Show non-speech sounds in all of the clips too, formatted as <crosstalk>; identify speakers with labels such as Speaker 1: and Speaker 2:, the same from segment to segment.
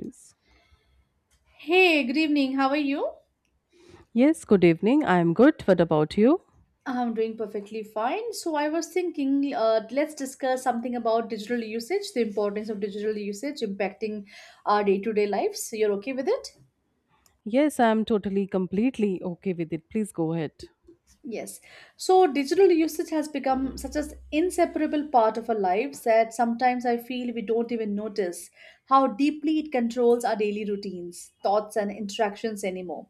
Speaker 1: Please.
Speaker 2: Hey, good evening. How are you?
Speaker 1: Yes, good evening. I am good. What about you?
Speaker 2: I'm doing perfectly fine. So I was thinking, let's discuss something about digital usage, the importance of digital usage impacting our day-to-day lives. So, you're okay with it?
Speaker 1: Yes, I am totally, completely okay with it. Please go ahead.
Speaker 2: Yes. So digital usage has become such an inseparable part of our lives that sometimes I feel we don't even notice how deeply it controls our daily routines, thoughts, and interactions anymore.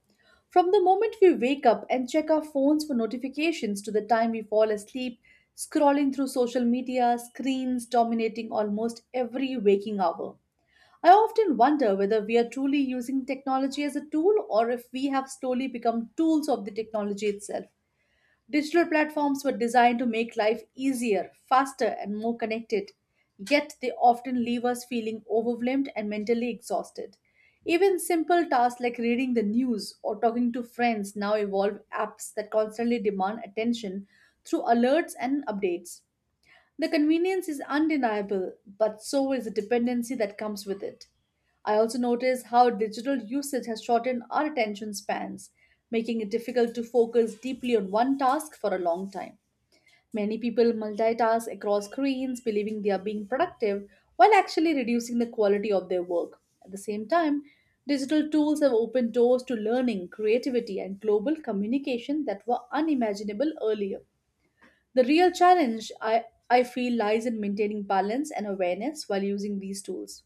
Speaker 2: From the moment we wake up and check our phones for notifications to the time we fall asleep, scrolling through social media, screens dominating almost every waking hour. I often wonder whether we are truly using technology as a tool or if we have slowly become tools of the technology itself. Digital platforms were designed to make life easier, faster, and more connected, yet they often leave us feeling overwhelmed and mentally exhausted. Even simple tasks like reading the news or talking to friends now involve apps that constantly demand attention through alerts and updates. The convenience is undeniable, but so is the dependency that comes with it. I also notice how digital usage has shortened our attention spans, making it difficult to focus deeply on one task for a long time. Many people multitask across screens, believing they are being productive while actually reducing the quality of their work. At the same time, digital tools have opened doors to learning, creativity, and global communication that were unimaginable earlier. The real challenge, I feel, lies in maintaining balance and awareness while using these tools.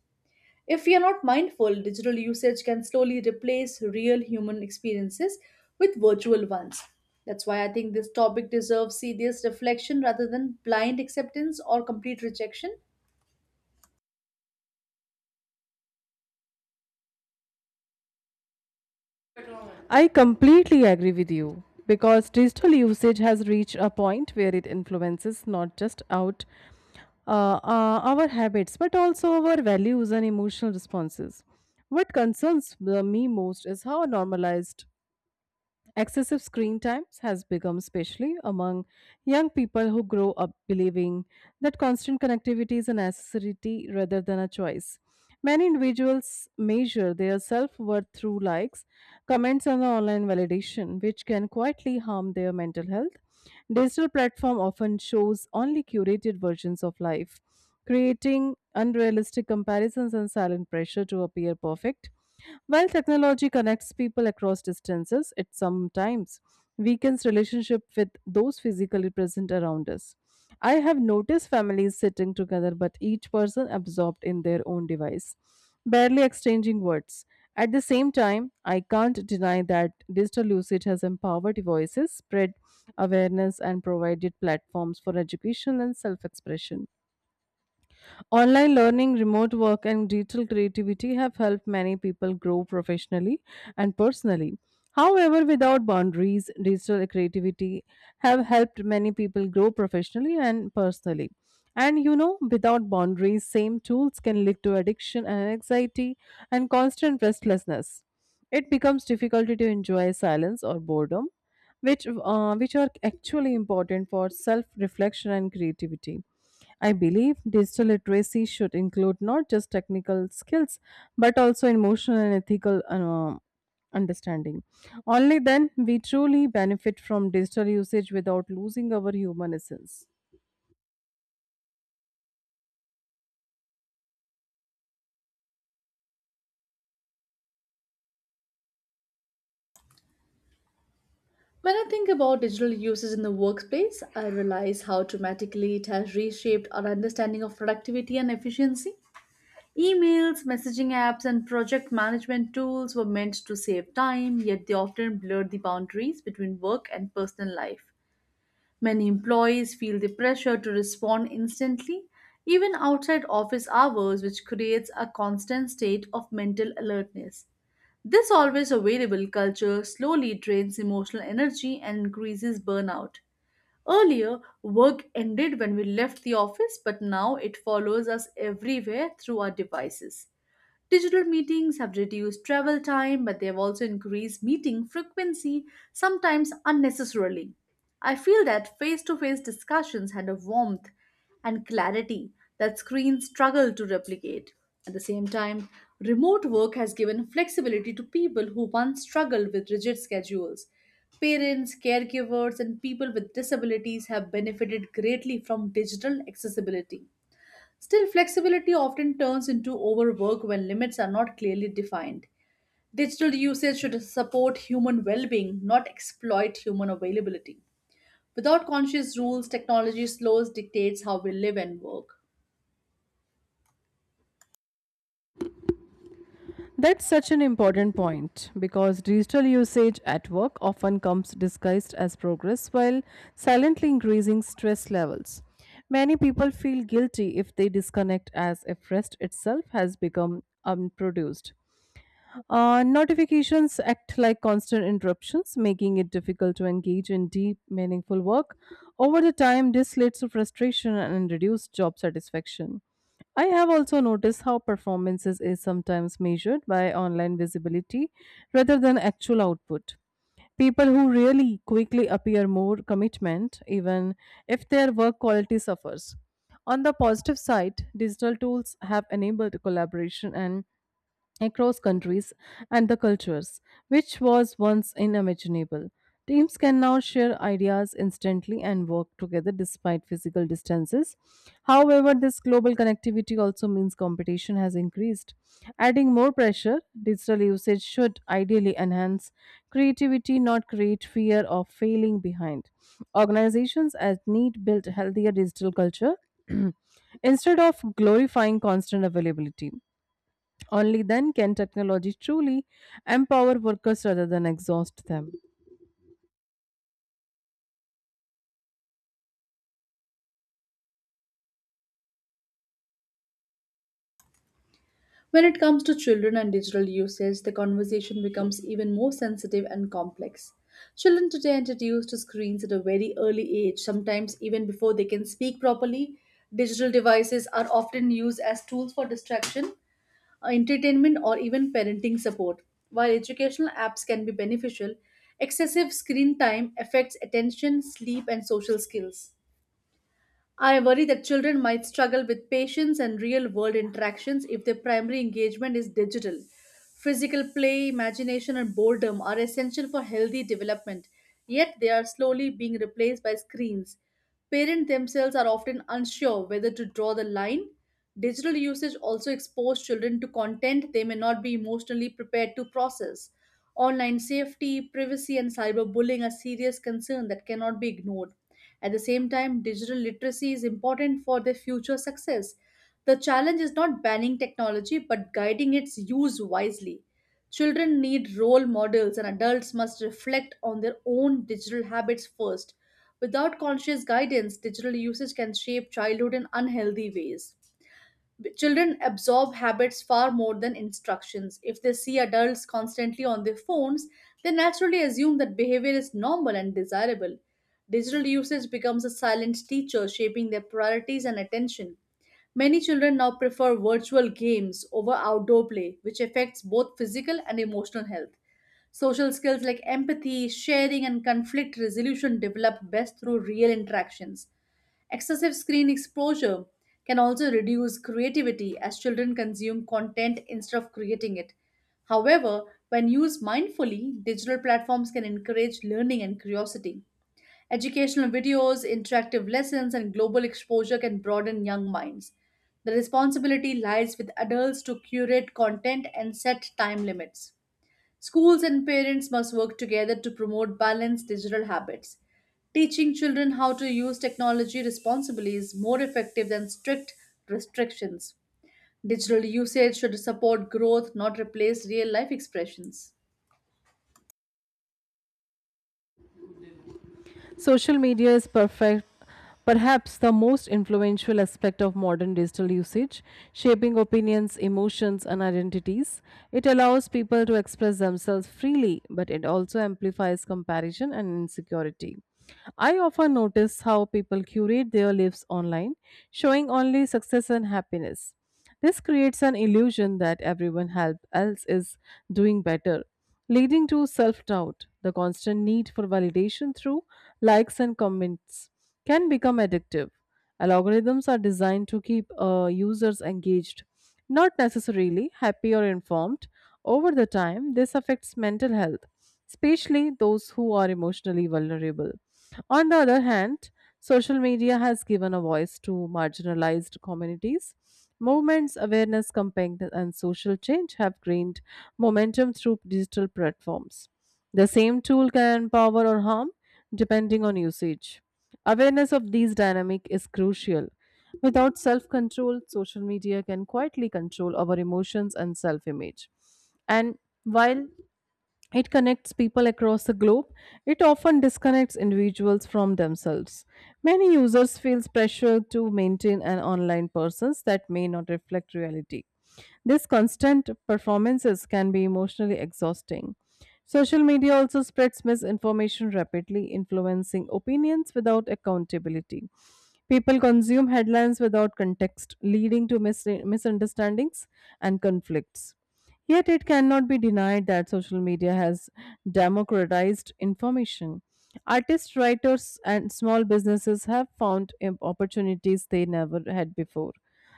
Speaker 2: If we are not mindful, digital usage can slowly replace real human experiences with virtual ones. That's why I think this topic deserves serious reflection rather than blind acceptance or complete rejection.
Speaker 1: I completely agree with you because digital usage has reached a point where it influences not just out our habits but also our values and emotional responses. What concerns me most is how normalized excessive screen times has become, especially among young people who grow up believing that constant connectivity is a necessity rather than a choice. Many individuals measure their self worth through likes, comments, and online validation, which can quietly harm their mental health. Digital platform often shows only curated versions of life, creating unrealistic comparisons and silent pressure to appear perfect. While technology connects people across distances, it sometimes weakens relationship with those physically present around us. I have noticed families sitting together but each person absorbed in their own device, barely exchanging words. At the same time, I can't deny that digital usage has empowered voices, spread awareness, and provided platforms for education and self expression. Online learning, remote work, and digital creativity have helped many people grow professionally and personally. However, without boundaries, digital creativity have helped many people grow professionally and personally. And without boundaries, same tools can lead to addiction and anxiety and constant restlessness. It becomes difficult to enjoy silence or boredom, which are actually important for self reflection and creativity. I believe digital literacy should include not just technical skills but also emotional and ethical understanding. Only then we truly benefit from digital usage without losing our human essence.
Speaker 2: When I think about digital uses in the workplace, I realize how dramatically it has reshaped our understanding of productivity and efficiency. Emails, messaging apps, and project management tools were meant to save time, yet they often blurred the boundaries between work and personal life. Many employees feel the pressure to respond instantly, even outside office hours, which creates a constant state of mental alertness. This always available culture slowly drains emotional energy and increases burnout. Earlier, work ended when we left the office, but now it follows us everywhere through our devices. Digital meetings have reduced travel time, but they have also increased meeting frequency, sometimes unnecessarily. I feel that face to face discussions had a warmth and clarity that screens struggle to replicate. At the same time, remote work has given flexibility to people who once struggled with rigid schedules. Parents, caregivers, and people with disabilities have benefited greatly from digital accessibility. Still, flexibility often turns into overwork when limits are not clearly defined. Digital usage should support human well being, not exploit human availability. Without conscious rules, technology slows dictates how we live and work.
Speaker 1: That's such an important point because digital usage at work often comes disguised as progress while silently increasing stress levels. Many people feel guilty if they disconnect, as if rest itself has become unproduced. Notifications act like constant interruptions, making it difficult to engage in deep, meaningful work. Over the time, this leads to frustration and reduced job satisfaction. I have also noticed how performances is sometimes measured by online visibility rather than actual output. People who really quickly appear more commitment, even if their work quality suffers. On the positive side, digital tools have enabled collaboration and across countries and the cultures, which was once unimaginable. Teams can now share ideas instantly and work together despite physical distances. However, this global connectivity also means competition has increased, adding more pressure. Digital usage should ideally enhance creativity, not create fear of failing behind. Organizations as need build healthier digital culture <clears throat> instead of glorifying constant availability. Only then can technology truly empower workers rather than exhaust them.
Speaker 2: When it comes to children and digital usage, the conversation becomes even more sensitive and complex. Children today are introduced to screens at a very early age, sometimes even before they can speak properly. Digital devices are often used as tools for distraction, entertainment, or even parenting support. While educational apps can be beneficial, excessive screen time affects attention, sleep, and social skills. I worry that children might struggle with patience and real world interactions if their primary engagement is digital. Physical play, imagination, and boredom are essential for healthy development, yet they are slowly being replaced by screens. Parents themselves are often unsure whether to draw the line. Digital usage also exposes children to content they may not be emotionally prepared to process. Online safety, privacy, and cyberbullying are serious concerns that cannot be ignored. At the same time, digital literacy is important for their future success. The challenge is not banning technology but guiding its use wisely. Children need role models, and adults must reflect on their own digital habits first. Without conscious guidance, digital usage can shape childhood in unhealthy ways. Children absorb habits far more than instructions. If they see adults constantly on their phones, they naturally assume that behavior is normal and desirable. Digital usage becomes a silent teacher, shaping their priorities and attention. Many children now prefer virtual games over outdoor play, which affects both physical and emotional health. Social skills like empathy, sharing, and conflict resolution develop best through real interactions. Excessive screen exposure can also reduce creativity as children consume content instead of creating it. However, when used mindfully, digital platforms can encourage learning and curiosity. Educational videos, interactive lessons, and global exposure can broaden young minds. The responsibility lies with adults to curate content and set time limits. Schools and parents must work together to promote balanced digital habits. Teaching children how to use technology responsibly is more effective than strict restrictions. Digital usage should support growth, not replace real life expressions.
Speaker 1: Social media is perfect. Perhaps the most influential aspect of modern digital usage, shaping opinions, emotions, and identities. It allows people to express themselves freely, but it also amplifies comparison and insecurity. I often notice how people curate their lives online, showing only success and happiness. This creates an illusion that everyone help else is doing better, leading to self doubt. The constant need for validation through likes and comments can become addictive. Algorithms are designed to keep users engaged, not necessarily happy or informed. Over the time, this affects mental health, especially those who are emotionally vulnerable. On the other hand, social media has given a voice to marginalized communities. Movements, awareness campaigns, and social change have gained momentum through digital platforms. The same tool can empower or harm depending on usage. Awareness of these dynamics is crucial. Without self control, social media can quietly control our emotions and self image. And while it connects people across the globe. It often disconnects individuals from themselves. Many users feel pressure to maintain an online presence that may not reflect reality. These constant performances can be emotionally exhausting. Social media also spreads misinformation rapidly, influencing opinions without accountability. People consume headlines without context, leading to misunderstandings and conflicts. Yet, it cannot be denied that social media has democratized information. Artists, writers, and small businesses have found opportunities they never had before.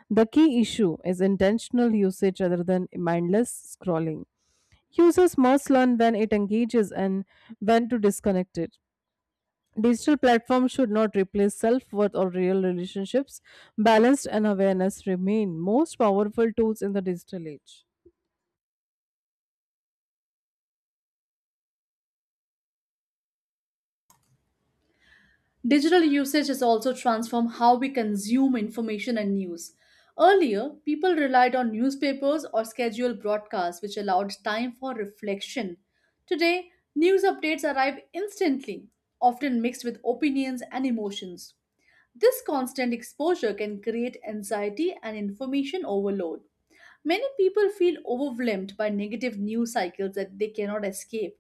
Speaker 1: The key issue is intentional usage rather than mindless scrolling. Users must learn when it engages and when to disconnect it. Digital platforms should not replace self worth or real relationships. Balance and awareness remain most powerful tools in the digital age.
Speaker 2: Digital usage has also transformed how we consume information and news. Earlier, people relied on newspapers or scheduled broadcasts, which allowed time for reflection. Today, news updates arrive instantly, often mixed with opinions and emotions. This constant exposure can create anxiety and information overload. Many people feel overwhelmed by negative news cycles that they cannot escape.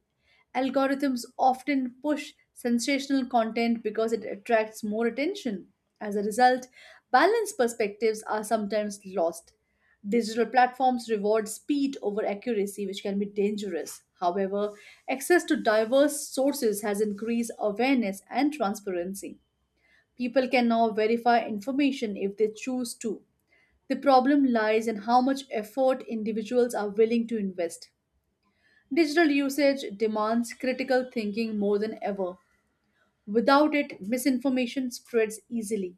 Speaker 2: Algorithms often push sensational content because it attracts more attention. As a result, balanced perspectives are sometimes lost. Digital platforms reward speed over accuracy, which can be dangerous. However, access to diverse sources has increased awareness and transparency. People can now verify information if they choose to. The problem lies in how much effort individuals are willing to invest. Digital usage demands critical thinking more than ever. Without it, misinformation spreads easily.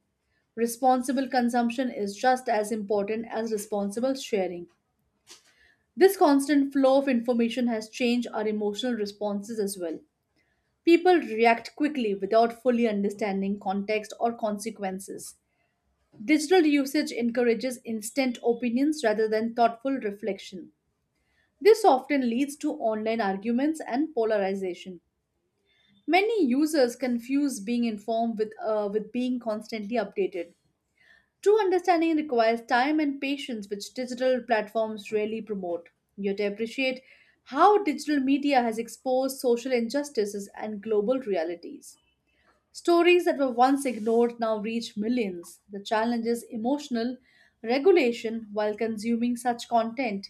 Speaker 2: Responsible consumption is just as important as responsible sharing. This constant flow of information has changed our emotional responses as well. People react quickly without fully understanding context or consequences. Digital usage encourages instant opinions rather than thoughtful reflection. This often leads to online arguments and polarization. Many users confuse being informed with, with being constantly updated. True understanding requires time and patience, which digital platforms rarely promote. Yet, I appreciate how digital media has exposed social injustices and global realities. Stories that were once ignored now reach millions. The challenge is emotional regulation while consuming such content.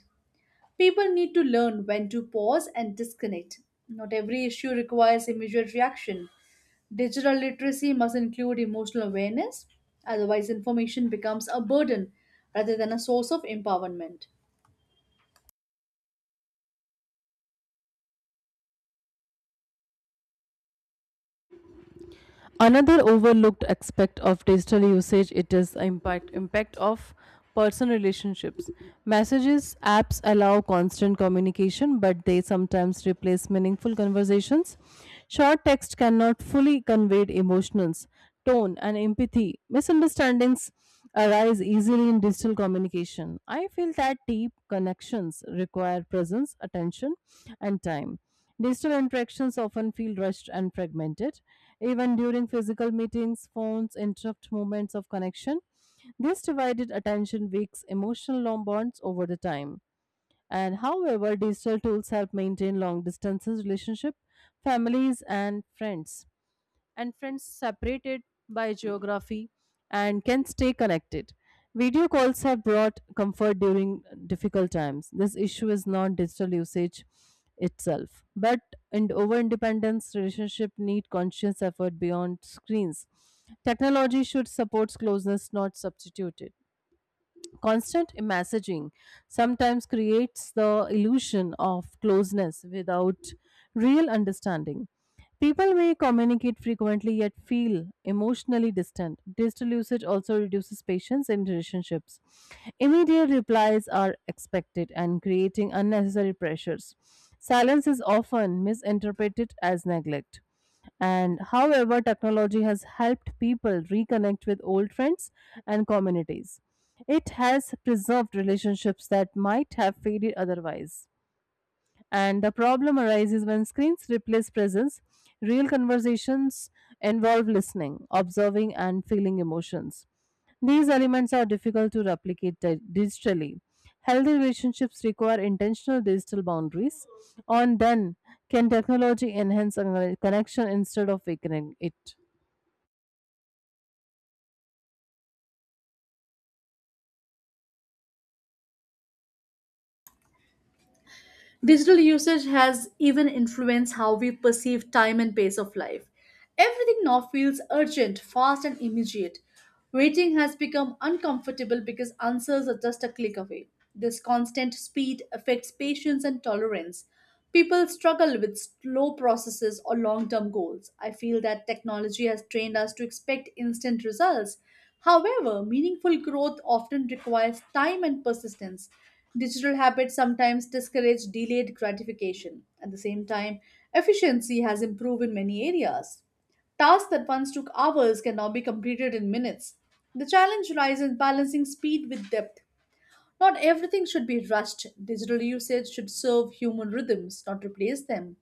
Speaker 2: People need to learn when to pause and disconnect. Not every issue requires immediate reaction. Digital literacy must include emotional awareness; otherwise, information becomes a burden rather than a source of empowerment.
Speaker 1: Another overlooked aspect of digital usage it is impact of personal relationships. Messages apps allow constant communication, but they sometimes replace meaningful conversations. Short text cannot fully convey emotions, tone, and empathy. Misunderstandings arise easily in digital communication. I feel that deep connections require presence, attention, and time. Digital interactions often feel rushed and fragmented. Even during physical meetings, phones interrupt moments of connection. This divided attention weaks emotional long bonds over the time. And however, digital tools help maintain long distances relationship, families and friends separated by geography and can stay connected. Video calls have brought comfort during difficult times. This issue is not digital usage itself, but and over independence relationship need conscious effort beyond screens. Technology should support closeness, not substitute it. Constant messaging sometimes creates the illusion of closeness without real understanding. People may communicate frequently yet feel emotionally distant. Digital usage also reduces patience in relationships. Immediate replies are expected and creating unnecessary pressures. Silence is often misinterpreted as neglect. And however, technology has helped people reconnect with old friends and communities. It has preserved relationships that might have faded otherwise. And the problem arises when screens replace presence. Real conversations involve listening, observing, and feeling emotions. These elements are difficult to replicate digitally. Healthy relationships require intentional digital boundaries. On then, can technology enhance a connection instead of weakening it?
Speaker 2: Digital usage has even influenced how we perceive time and pace of life. Everything now feels urgent, fast, and immediate. Waiting has become uncomfortable because answers are just a click away. This constant speed affects patience and tolerance. People struggle with slow processes or long term goals. I feel that technology has trained us to expect instant results. However, meaningful growth often requires time and persistence. Digital habits sometimes discourage delayed gratification. At the same time, efficiency has improved in many areas. Tasks that once took hours can now be completed in minutes. The challenge lies in balancing speed with depth. Not everything should be rushed. Digital usage should serve human rhythms, not replace them.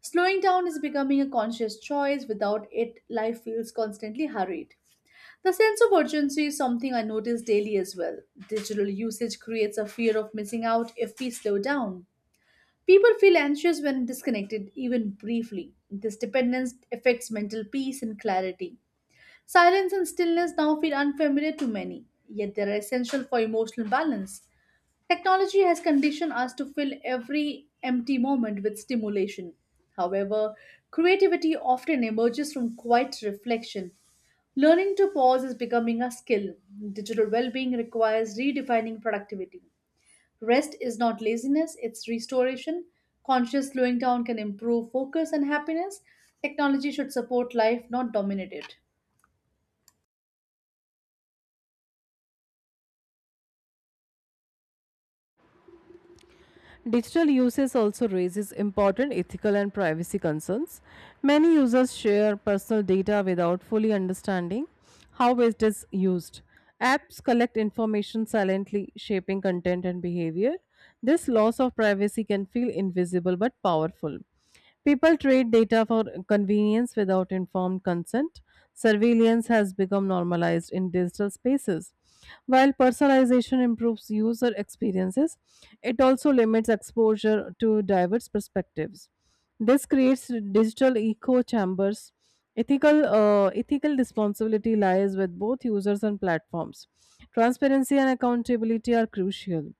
Speaker 2: Slowing down is becoming a conscious choice. Without it, life feels constantly hurried. The sense of urgency is something I notice daily as well. Digital usage creates a fear of missing out if we slow down. People feel anxious when disconnected, even briefly. This dependence affects mental peace and clarity. Silence and stillness now feel unfamiliar to many, yet they are essential for emotional balance. Technology has conditioned us to fill every empty moment with stimulation. However, creativity often emerges from quiet reflection. Learning to pause is becoming a skill. Digital well being requires redefining productivity. Rest is not laziness, it's restoration. Conscious slowing down can improve focus and happiness. Technology should support life, not dominate it.
Speaker 1: Digital uses also raises important ethical and privacy concerns. Many users share personal data without fully understanding how it is used. Apps collect information silently, shaping content and behavior. This loss of privacy can feel invisible but powerful. People trade data for convenience without informed consent. Surveillance has become normalized in digital spaces. While personalization improves user experiences, it also limits exposure to diverse perspectives. This creates digital echo chambers. Ethical responsibility lies with both users and platforms. Transparency and accountability are crucial.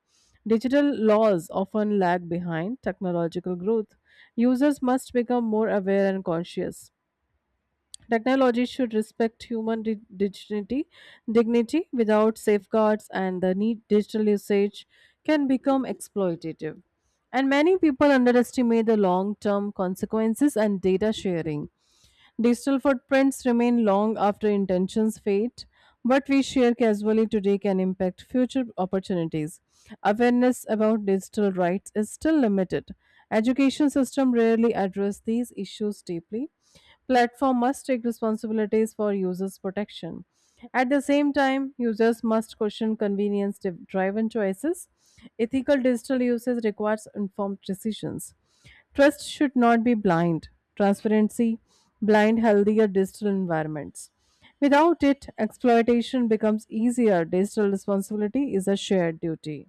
Speaker 1: Digital laws often lag behind technological growth. Users must become more aware and conscious. Technology should respect dignity, dignity without safeguards, and the need digital usage can become exploitative. And many people underestimate the long term consequences and data sharing. Digital footprints remain long after intentions fade. What we share casually today can impact future opportunities. Awareness about digital rights is still limited. Education system rarely address these issues deeply. Platform must take responsibilities for users' protection. At the same time, users must question convenience driven choices. Ethical digital usage requires informed decisions. Trust should not be blind. Transparency blind healthier digital environments. Without it, exploitation becomes easier. Digital responsibility is a shared duty.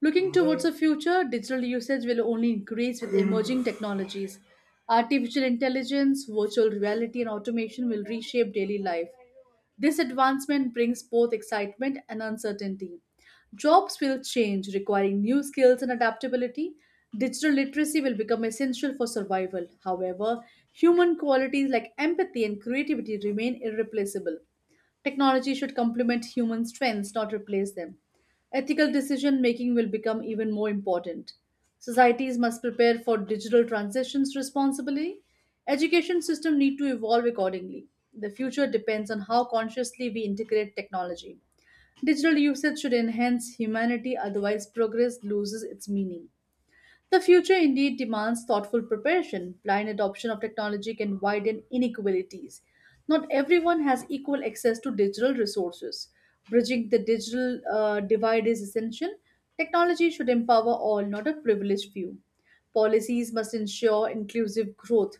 Speaker 2: Looking towards the future, digital usage will only increase with emerging technologies. Artificial intelligence, virtual reality, and automation will reshape daily life. This advancement brings both excitement and uncertainty. Jobs will change, requiring new skills and adaptability. Digital literacy will become essential for survival. However, human qualities like empathy and creativity remain irreplaceable. Technology should complement human strengths, not replace them. Ethical decision making will become even more important. Societies must prepare for digital transitions responsibly. Education system need to evolve accordingly. The future depends on how consciously we integrate technology. Digital usage should enhance humanity, otherwise progress loses its meaning. The future indeed demands thoughtful preparation. Blind adoption of technology can widen inequalities. Not everyone has equal access to digital resources. Bridging the digital divide is essential. Technology should empower all, not a privileged few. Policies must ensure inclusive growth.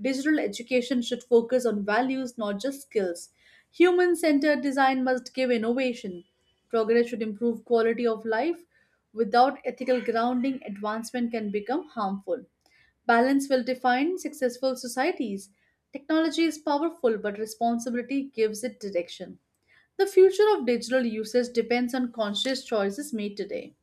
Speaker 2: Digital education should focus on values, not just skills. Human centered design must give innovation. Progress should improve quality of life. Without ethical grounding, advancement can become harmful. Balance will define successful societies. Technology is powerful, but responsibility gives it direction. The future of digital usage depends on conscious choices made today.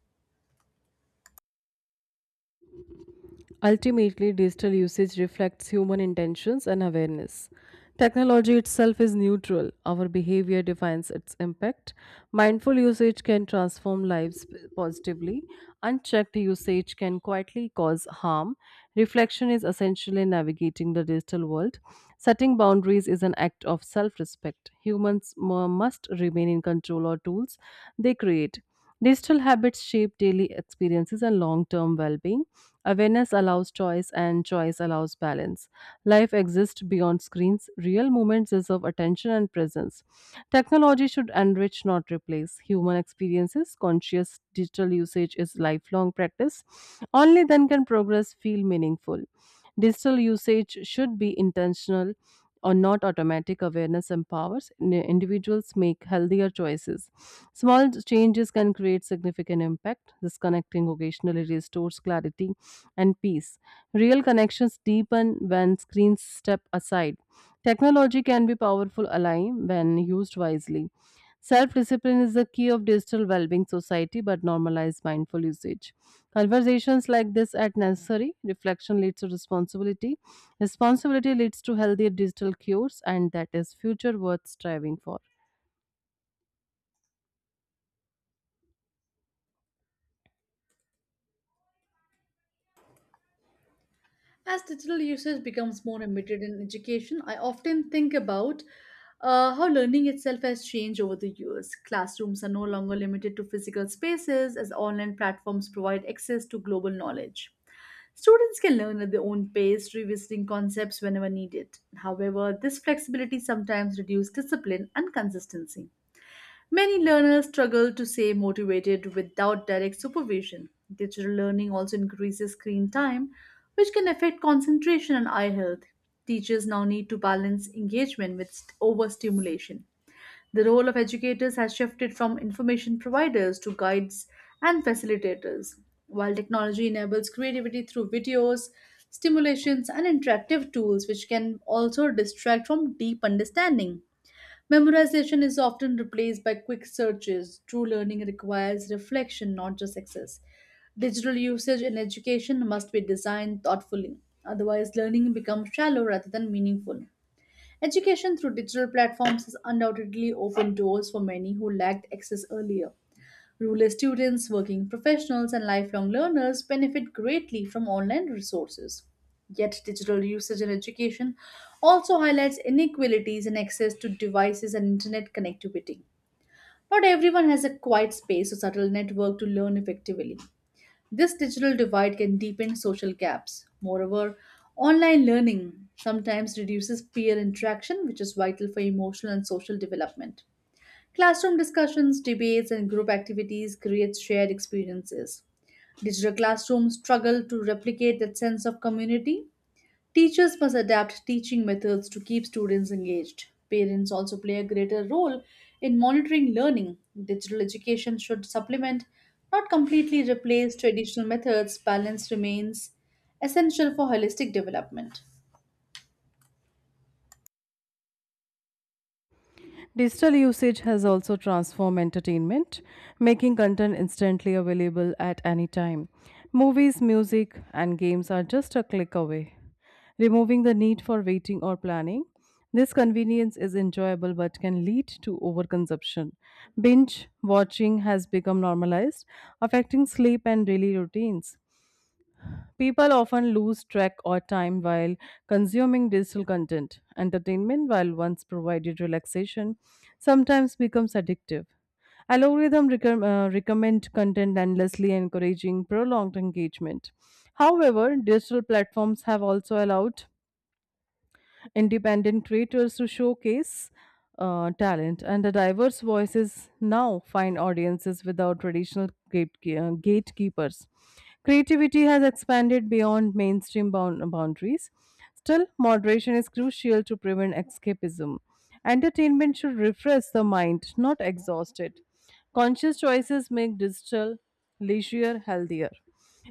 Speaker 1: Ultimately, digital usage reflects human intentions and awareness. Technology itself is neutral, our behavior defines its impact. Mindful usage can transform lives positively, unchecked usage can quietly cause harm. Reflection is essential in navigating the digital world. Setting boundaries is an act of self respect. Must remain in control of tools they create. Digital habits shape daily experiences and long term well being. Awareness allows choice, and choice allows balance. Life exists beyond screens. Real moments deserve attention and presence. Technology should enrich, not replace, human experiences. Conscious digital usage is lifelong practice. Only then can progress feel meaningful. Digital usage should be intentional or not automatic awareness empowers individuals make healthier choices small changes can create significant impact disconnecting occasionally restores clarity and peace real connections deepen when screens step aside technology can be powerful ally when used wisely. Self discipline is the key of digital well being society, but normalize mindful usage. Conversations like this are necessary. Reflection leads to responsibility. Responsibility leads to healthier digital cures, and that is future worth striving for.
Speaker 2: As digital usage becomes more embedded in education, I often think about how learning itself has changed over the years. Classrooms are no longer limited to physical spaces as online platforms provide access to global knowledge. Students can learn at their own pace, revisiting concepts whenever needed. However, this flexibility sometimes reduces discipline and consistency. Many learners struggle to stay motivated without direct supervision. Digital learning also increases screen time, which can affect concentration and eye health. Teachers now need to balance engagement with overstimulation. The role of educators has shifted from information providers to guides and facilitators. While technology enables creativity through videos, stimulations, and interactive tools, which can also distract from deep understanding. Memorization is often replaced by quick searches. True learning requires reflection, not just access. Digital usage in education must be designed thoughtfully. Otherwise, learning becomes shallow rather than meaningful. Education through digital platforms has undoubtedly opened doors for many who lacked access earlier. Rural students, working professionals, and lifelong learners benefit greatly from online resources. Yet, digital usage in education also highlights inequalities in access to devices and internet connectivity. Not everyone has a quiet space or subtle network to learn effectively. This digital divide can deepen social gaps. Moreover, online learning sometimes reduces peer interaction, which is vital for emotional and social development. Classroom discussions, debates, and group activities create shared experiences. Digital classrooms struggle to replicate that sense of community. Teachers must adapt teaching methods to keep students engaged. Parents also play a greater role in monitoring learning. Digital education should supplement, not completely replace, traditional methods. Balance remains essential for holistic development.
Speaker 1: Digital usage has also transformed entertainment, making content instantly available at any time. Movies, music, and games are just a click away, removing the need for waiting or planning. This convenience is enjoyable but can lead to overconsumption. Binge watching has become normalized, affecting sleep and daily routines. People often lose track or time while consuming digital content. Entertainment, while once provided relaxation, sometimes becomes addictive. Algorithm recommend content endlessly, encouraging prolonged engagement. However, digital platforms have also allowed independent creators to showcase talent, and the diverse voices now find audiences without traditional gatekeepers. Creativity has expanded beyond mainstream boundaries. Still, moderation is crucial to prevent escapism. Entertainment should refresh the mind, not exhaust it. Conscious choices make digital leisure healthier.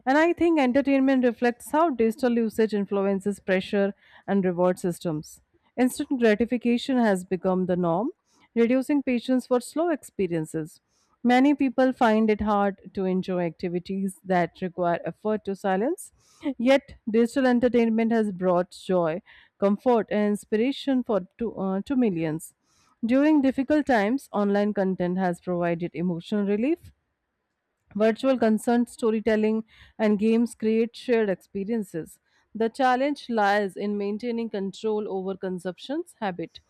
Speaker 1: And I think entertainment reflects how digital usage influences pressure and reward systems. Instant gratification has become the norm, reducing patience for slow experiences. Many people find it hard to enjoy activities that require effort to silence, yet, digital entertainment has brought joy, comfort, and inspiration to millions. During difficult times, online content has provided emotional relief, Virtual consent storytelling and games create shared experiences. The challenge lies in maintaining control over consumption's habit.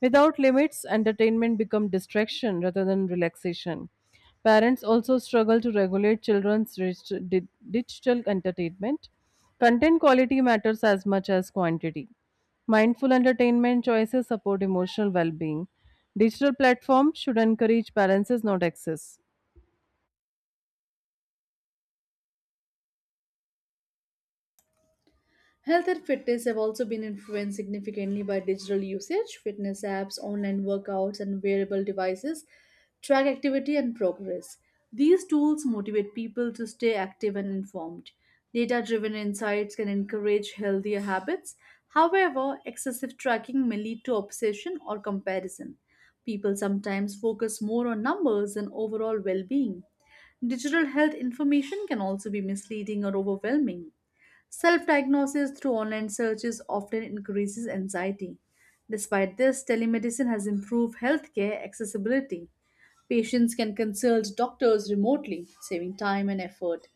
Speaker 1: Without limits, entertainment becomes distraction rather than relaxation. Parents also struggle to regulate children's digital entertainment. Content quality matters as much as quantity. Mindful entertainment choices support emotional well being. Digital platforms should encourage balances, not excess.
Speaker 2: Health and fitness have also been influenced significantly by digital usage. Fitness apps, online workouts, and wearable devices track activity and progress. These tools motivate people to stay active and informed. Data driven insights can encourage healthier habits. However, excessive tracking may lead to obsession or comparison. People sometimes focus more on numbers than overall well being. Digital health information can also be misleading or overwhelming. Self diagnosis through online searches often increases anxiety. Despite this, telemedicine has improved healthcare accessibility. Patients can consult doctors remotely, saving time and effort.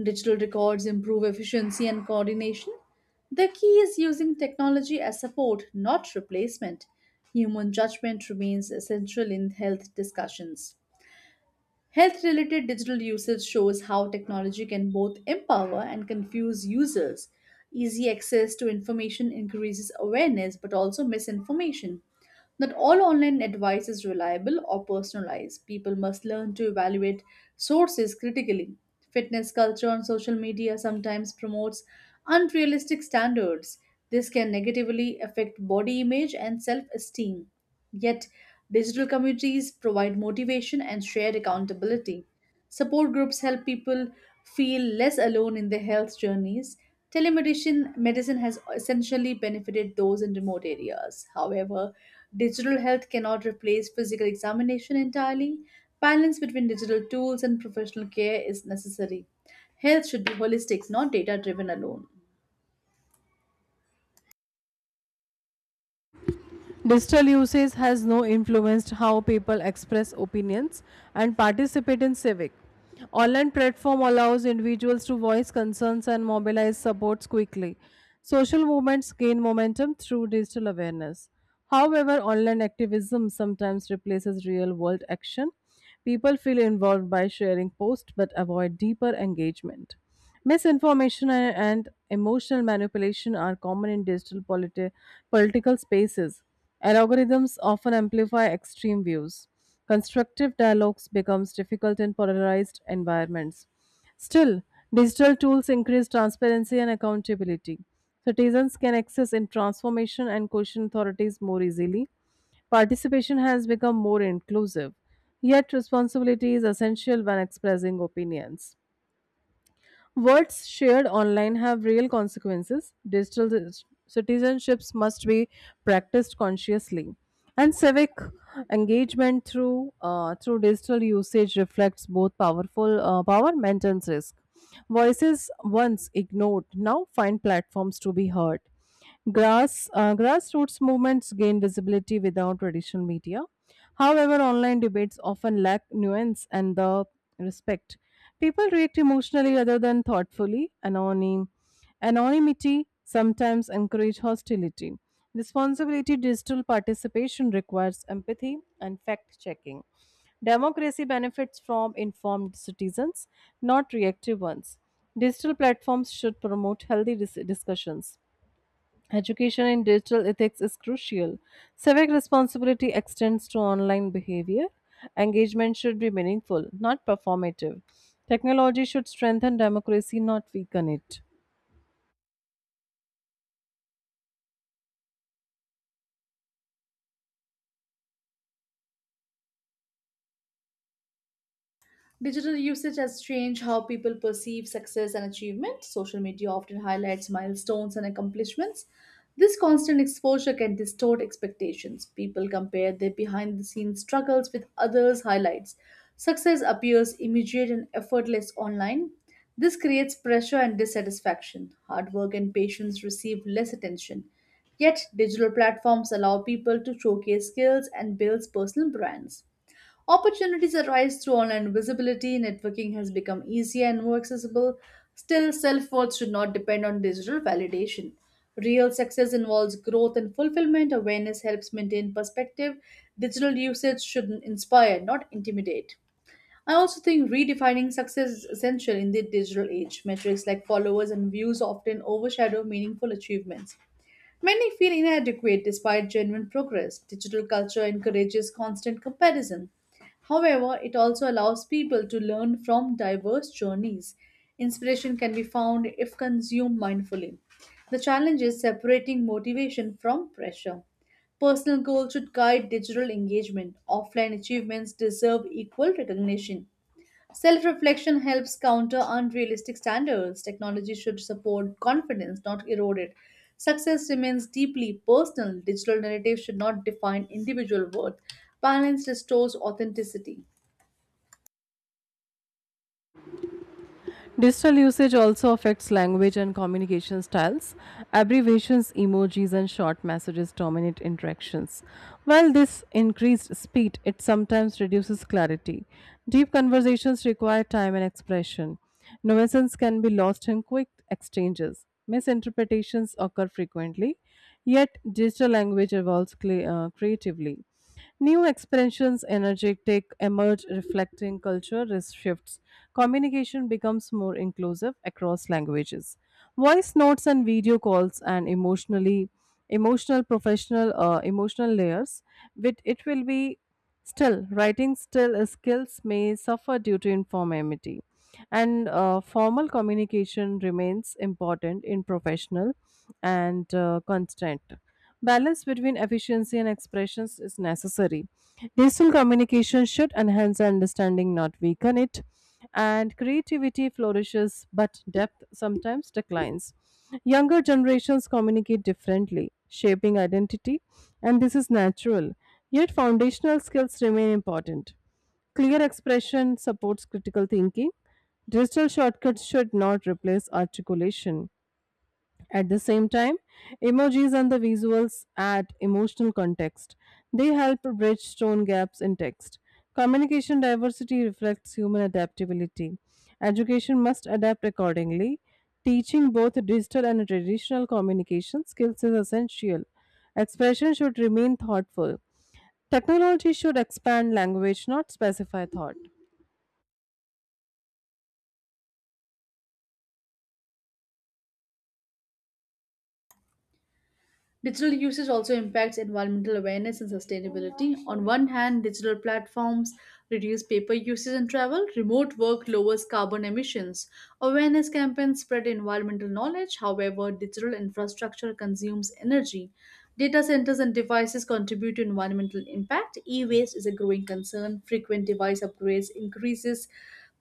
Speaker 2: Digital records improve efficiency and coordination. The key is using technology as support, not replacement. Human judgment remains essential in health discussions. Health related digital usage shows how technology can both empower and confuse users. Easy access to information increases awareness but also misinformation. Not all online advice is reliable or personalized. People must learn to evaluate sources critically. Fitness culture on social media sometimes promotes unrealistic standards. This can negatively affect body image and self esteem. Yet, digital communities provide motivation and shared accountability. Support groups help people feel less alone in their health journeys. Telemedicine medicine has essentially benefited those in remote areas. However, digital health cannot replace physical examination entirely. Balance between digital tools and professional care is necessary. Health should be holistic, not data driven alone.
Speaker 1: Digital usage has no influenced how people express opinions and participate in civic. Online platform allows individuals to voice concerns and mobilize supports quickly. Social movements gain momentum through digital awareness. However, online activism sometimes replaces real world action. People feel involved by sharing posts but avoid deeper engagement. Misinformation and emotional manipulation are common in digital political spaces. Algorithms often amplify extreme views. Constructive dialogues becomes difficult in polarized environments. Still, digital tools increase transparency and accountability. Citizens can access in transformation and question authorities more easily. Participation has become more inclusive, yet responsibility is essential when expressing opinions. Words shared online have real consequences. Digital citizenships must be practiced consciously. And civic engagement through digital usage reflects both power and risk. Voices once ignored now find platforms to be heard. Grassroots movements gain visibility without traditional media. However, online debates often lack nuance and the respect. People react emotionally rather than thoughtfully. Anonymity sometimes encourages hostility. Responsibility digital participation requires empathy and fact checking. Democracy benefits from informed citizens, not reactive ones. Digital platforms should promote healthy discussions. Education in digital ethics is crucial. Civic responsibility extends to online behavior. Engagement should be meaningful, not performative. Technology should strengthen democracy, not weaken it.
Speaker 2: Digital usage has changed how people perceive success and achievement. Social media often highlights milestones and accomplishments. This constant exposure can distort expectations. People compare their behind the scenes struggles with others' highlights. Success appears immediate and effortless online. This creates pressure and dissatisfaction. Hard work and patience receive less attention. Yet, digital platforms allow people to showcase skills and build personal brands. Opportunities arise through online visibility, networking has become easier and more accessible. Still, self worth should not depend on digital validation. Real success involves growth and fulfillment. Awareness helps maintain perspective. Digital usage should inspire, not intimidate. I also think redefining success is essential in the digital age. Metrics like followers and views often overshadow meaningful achievements. Many feel inadequate despite genuine progress. Digital culture encourages constant comparison. However, it also allows people to learn from diverse journeys. Inspiration can be found if consumed mindfully. The challenge is separating motivation from pressure. Personal goals should guide digital engagement. Offline achievements deserve equal recognition. Self reflection helps counter unrealistic standards. Technology should support confidence, not erode it. Success remains deeply personal. Digital narratives should not define individual worth. Balance restores authenticity.
Speaker 1: Digital usage also affects language and communication styles. Abbreviations, emojis, and short messages dominate interactions. While this increased speed, it sometimes reduces clarity. Deep conversations require time and expression. Nuisance can be lost in quick exchanges. Misinterpretations occur frequently, yet digital language evolves creatively. New expressions, energetic, emerge reflecting culture shifts. Communication becomes more inclusive across languages. Voice notes and video calls and emotional, emotional layers. With it will be still, writing still skills may suffer due to informality, and formal communication remains important in professional and constant. Balance between efficiency and expressions is necessary. Digital communication should enhance understanding, not weaken it. And creativity flourishes, but depth sometimes declines. Younger generations communicate differently, shaping identity, and this is natural. Yet, foundational skills remain important. Clear expression supports critical thinking. Digital shortcuts should not replace articulation. At the same time, emojis and the visuals add emotional context. They help bridge tone gaps in text. Communication diversity reflects human adaptability. Education must adapt accordingly. Teaching both digital and traditional communication skills is essential. Expression should remain thoughtful. Technology should expand language, not specify thought.
Speaker 2: Digital usage also impacts environmental awareness and sustainability. On one hand, digital platforms reduce paper usage and travel, remote work lowers carbon emissions. Awareness campaigns spread environmental knowledge. However, digital infrastructure consumes energy. Data centers and devices contribute to environmental impact. E waste is a growing concern. Frequent device upgrades increases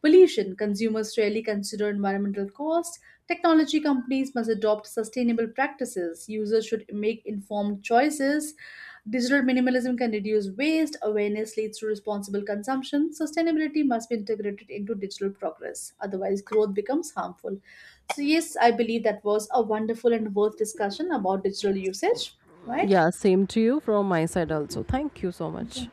Speaker 2: pollution. Consumers rarely consider environmental costs. Technology companies must adopt sustainable practices. Users should make informed choices. Digital minimalism can reduce waste. Awareness leads to responsible consumption. Sustainability must be integrated into digital progress. Otherwise, growth becomes harmful. So, yes, I believe that was a wonderful and worth discussion about digital usage, right?
Speaker 1: Yeah, same to you from my side also. Thank you so much.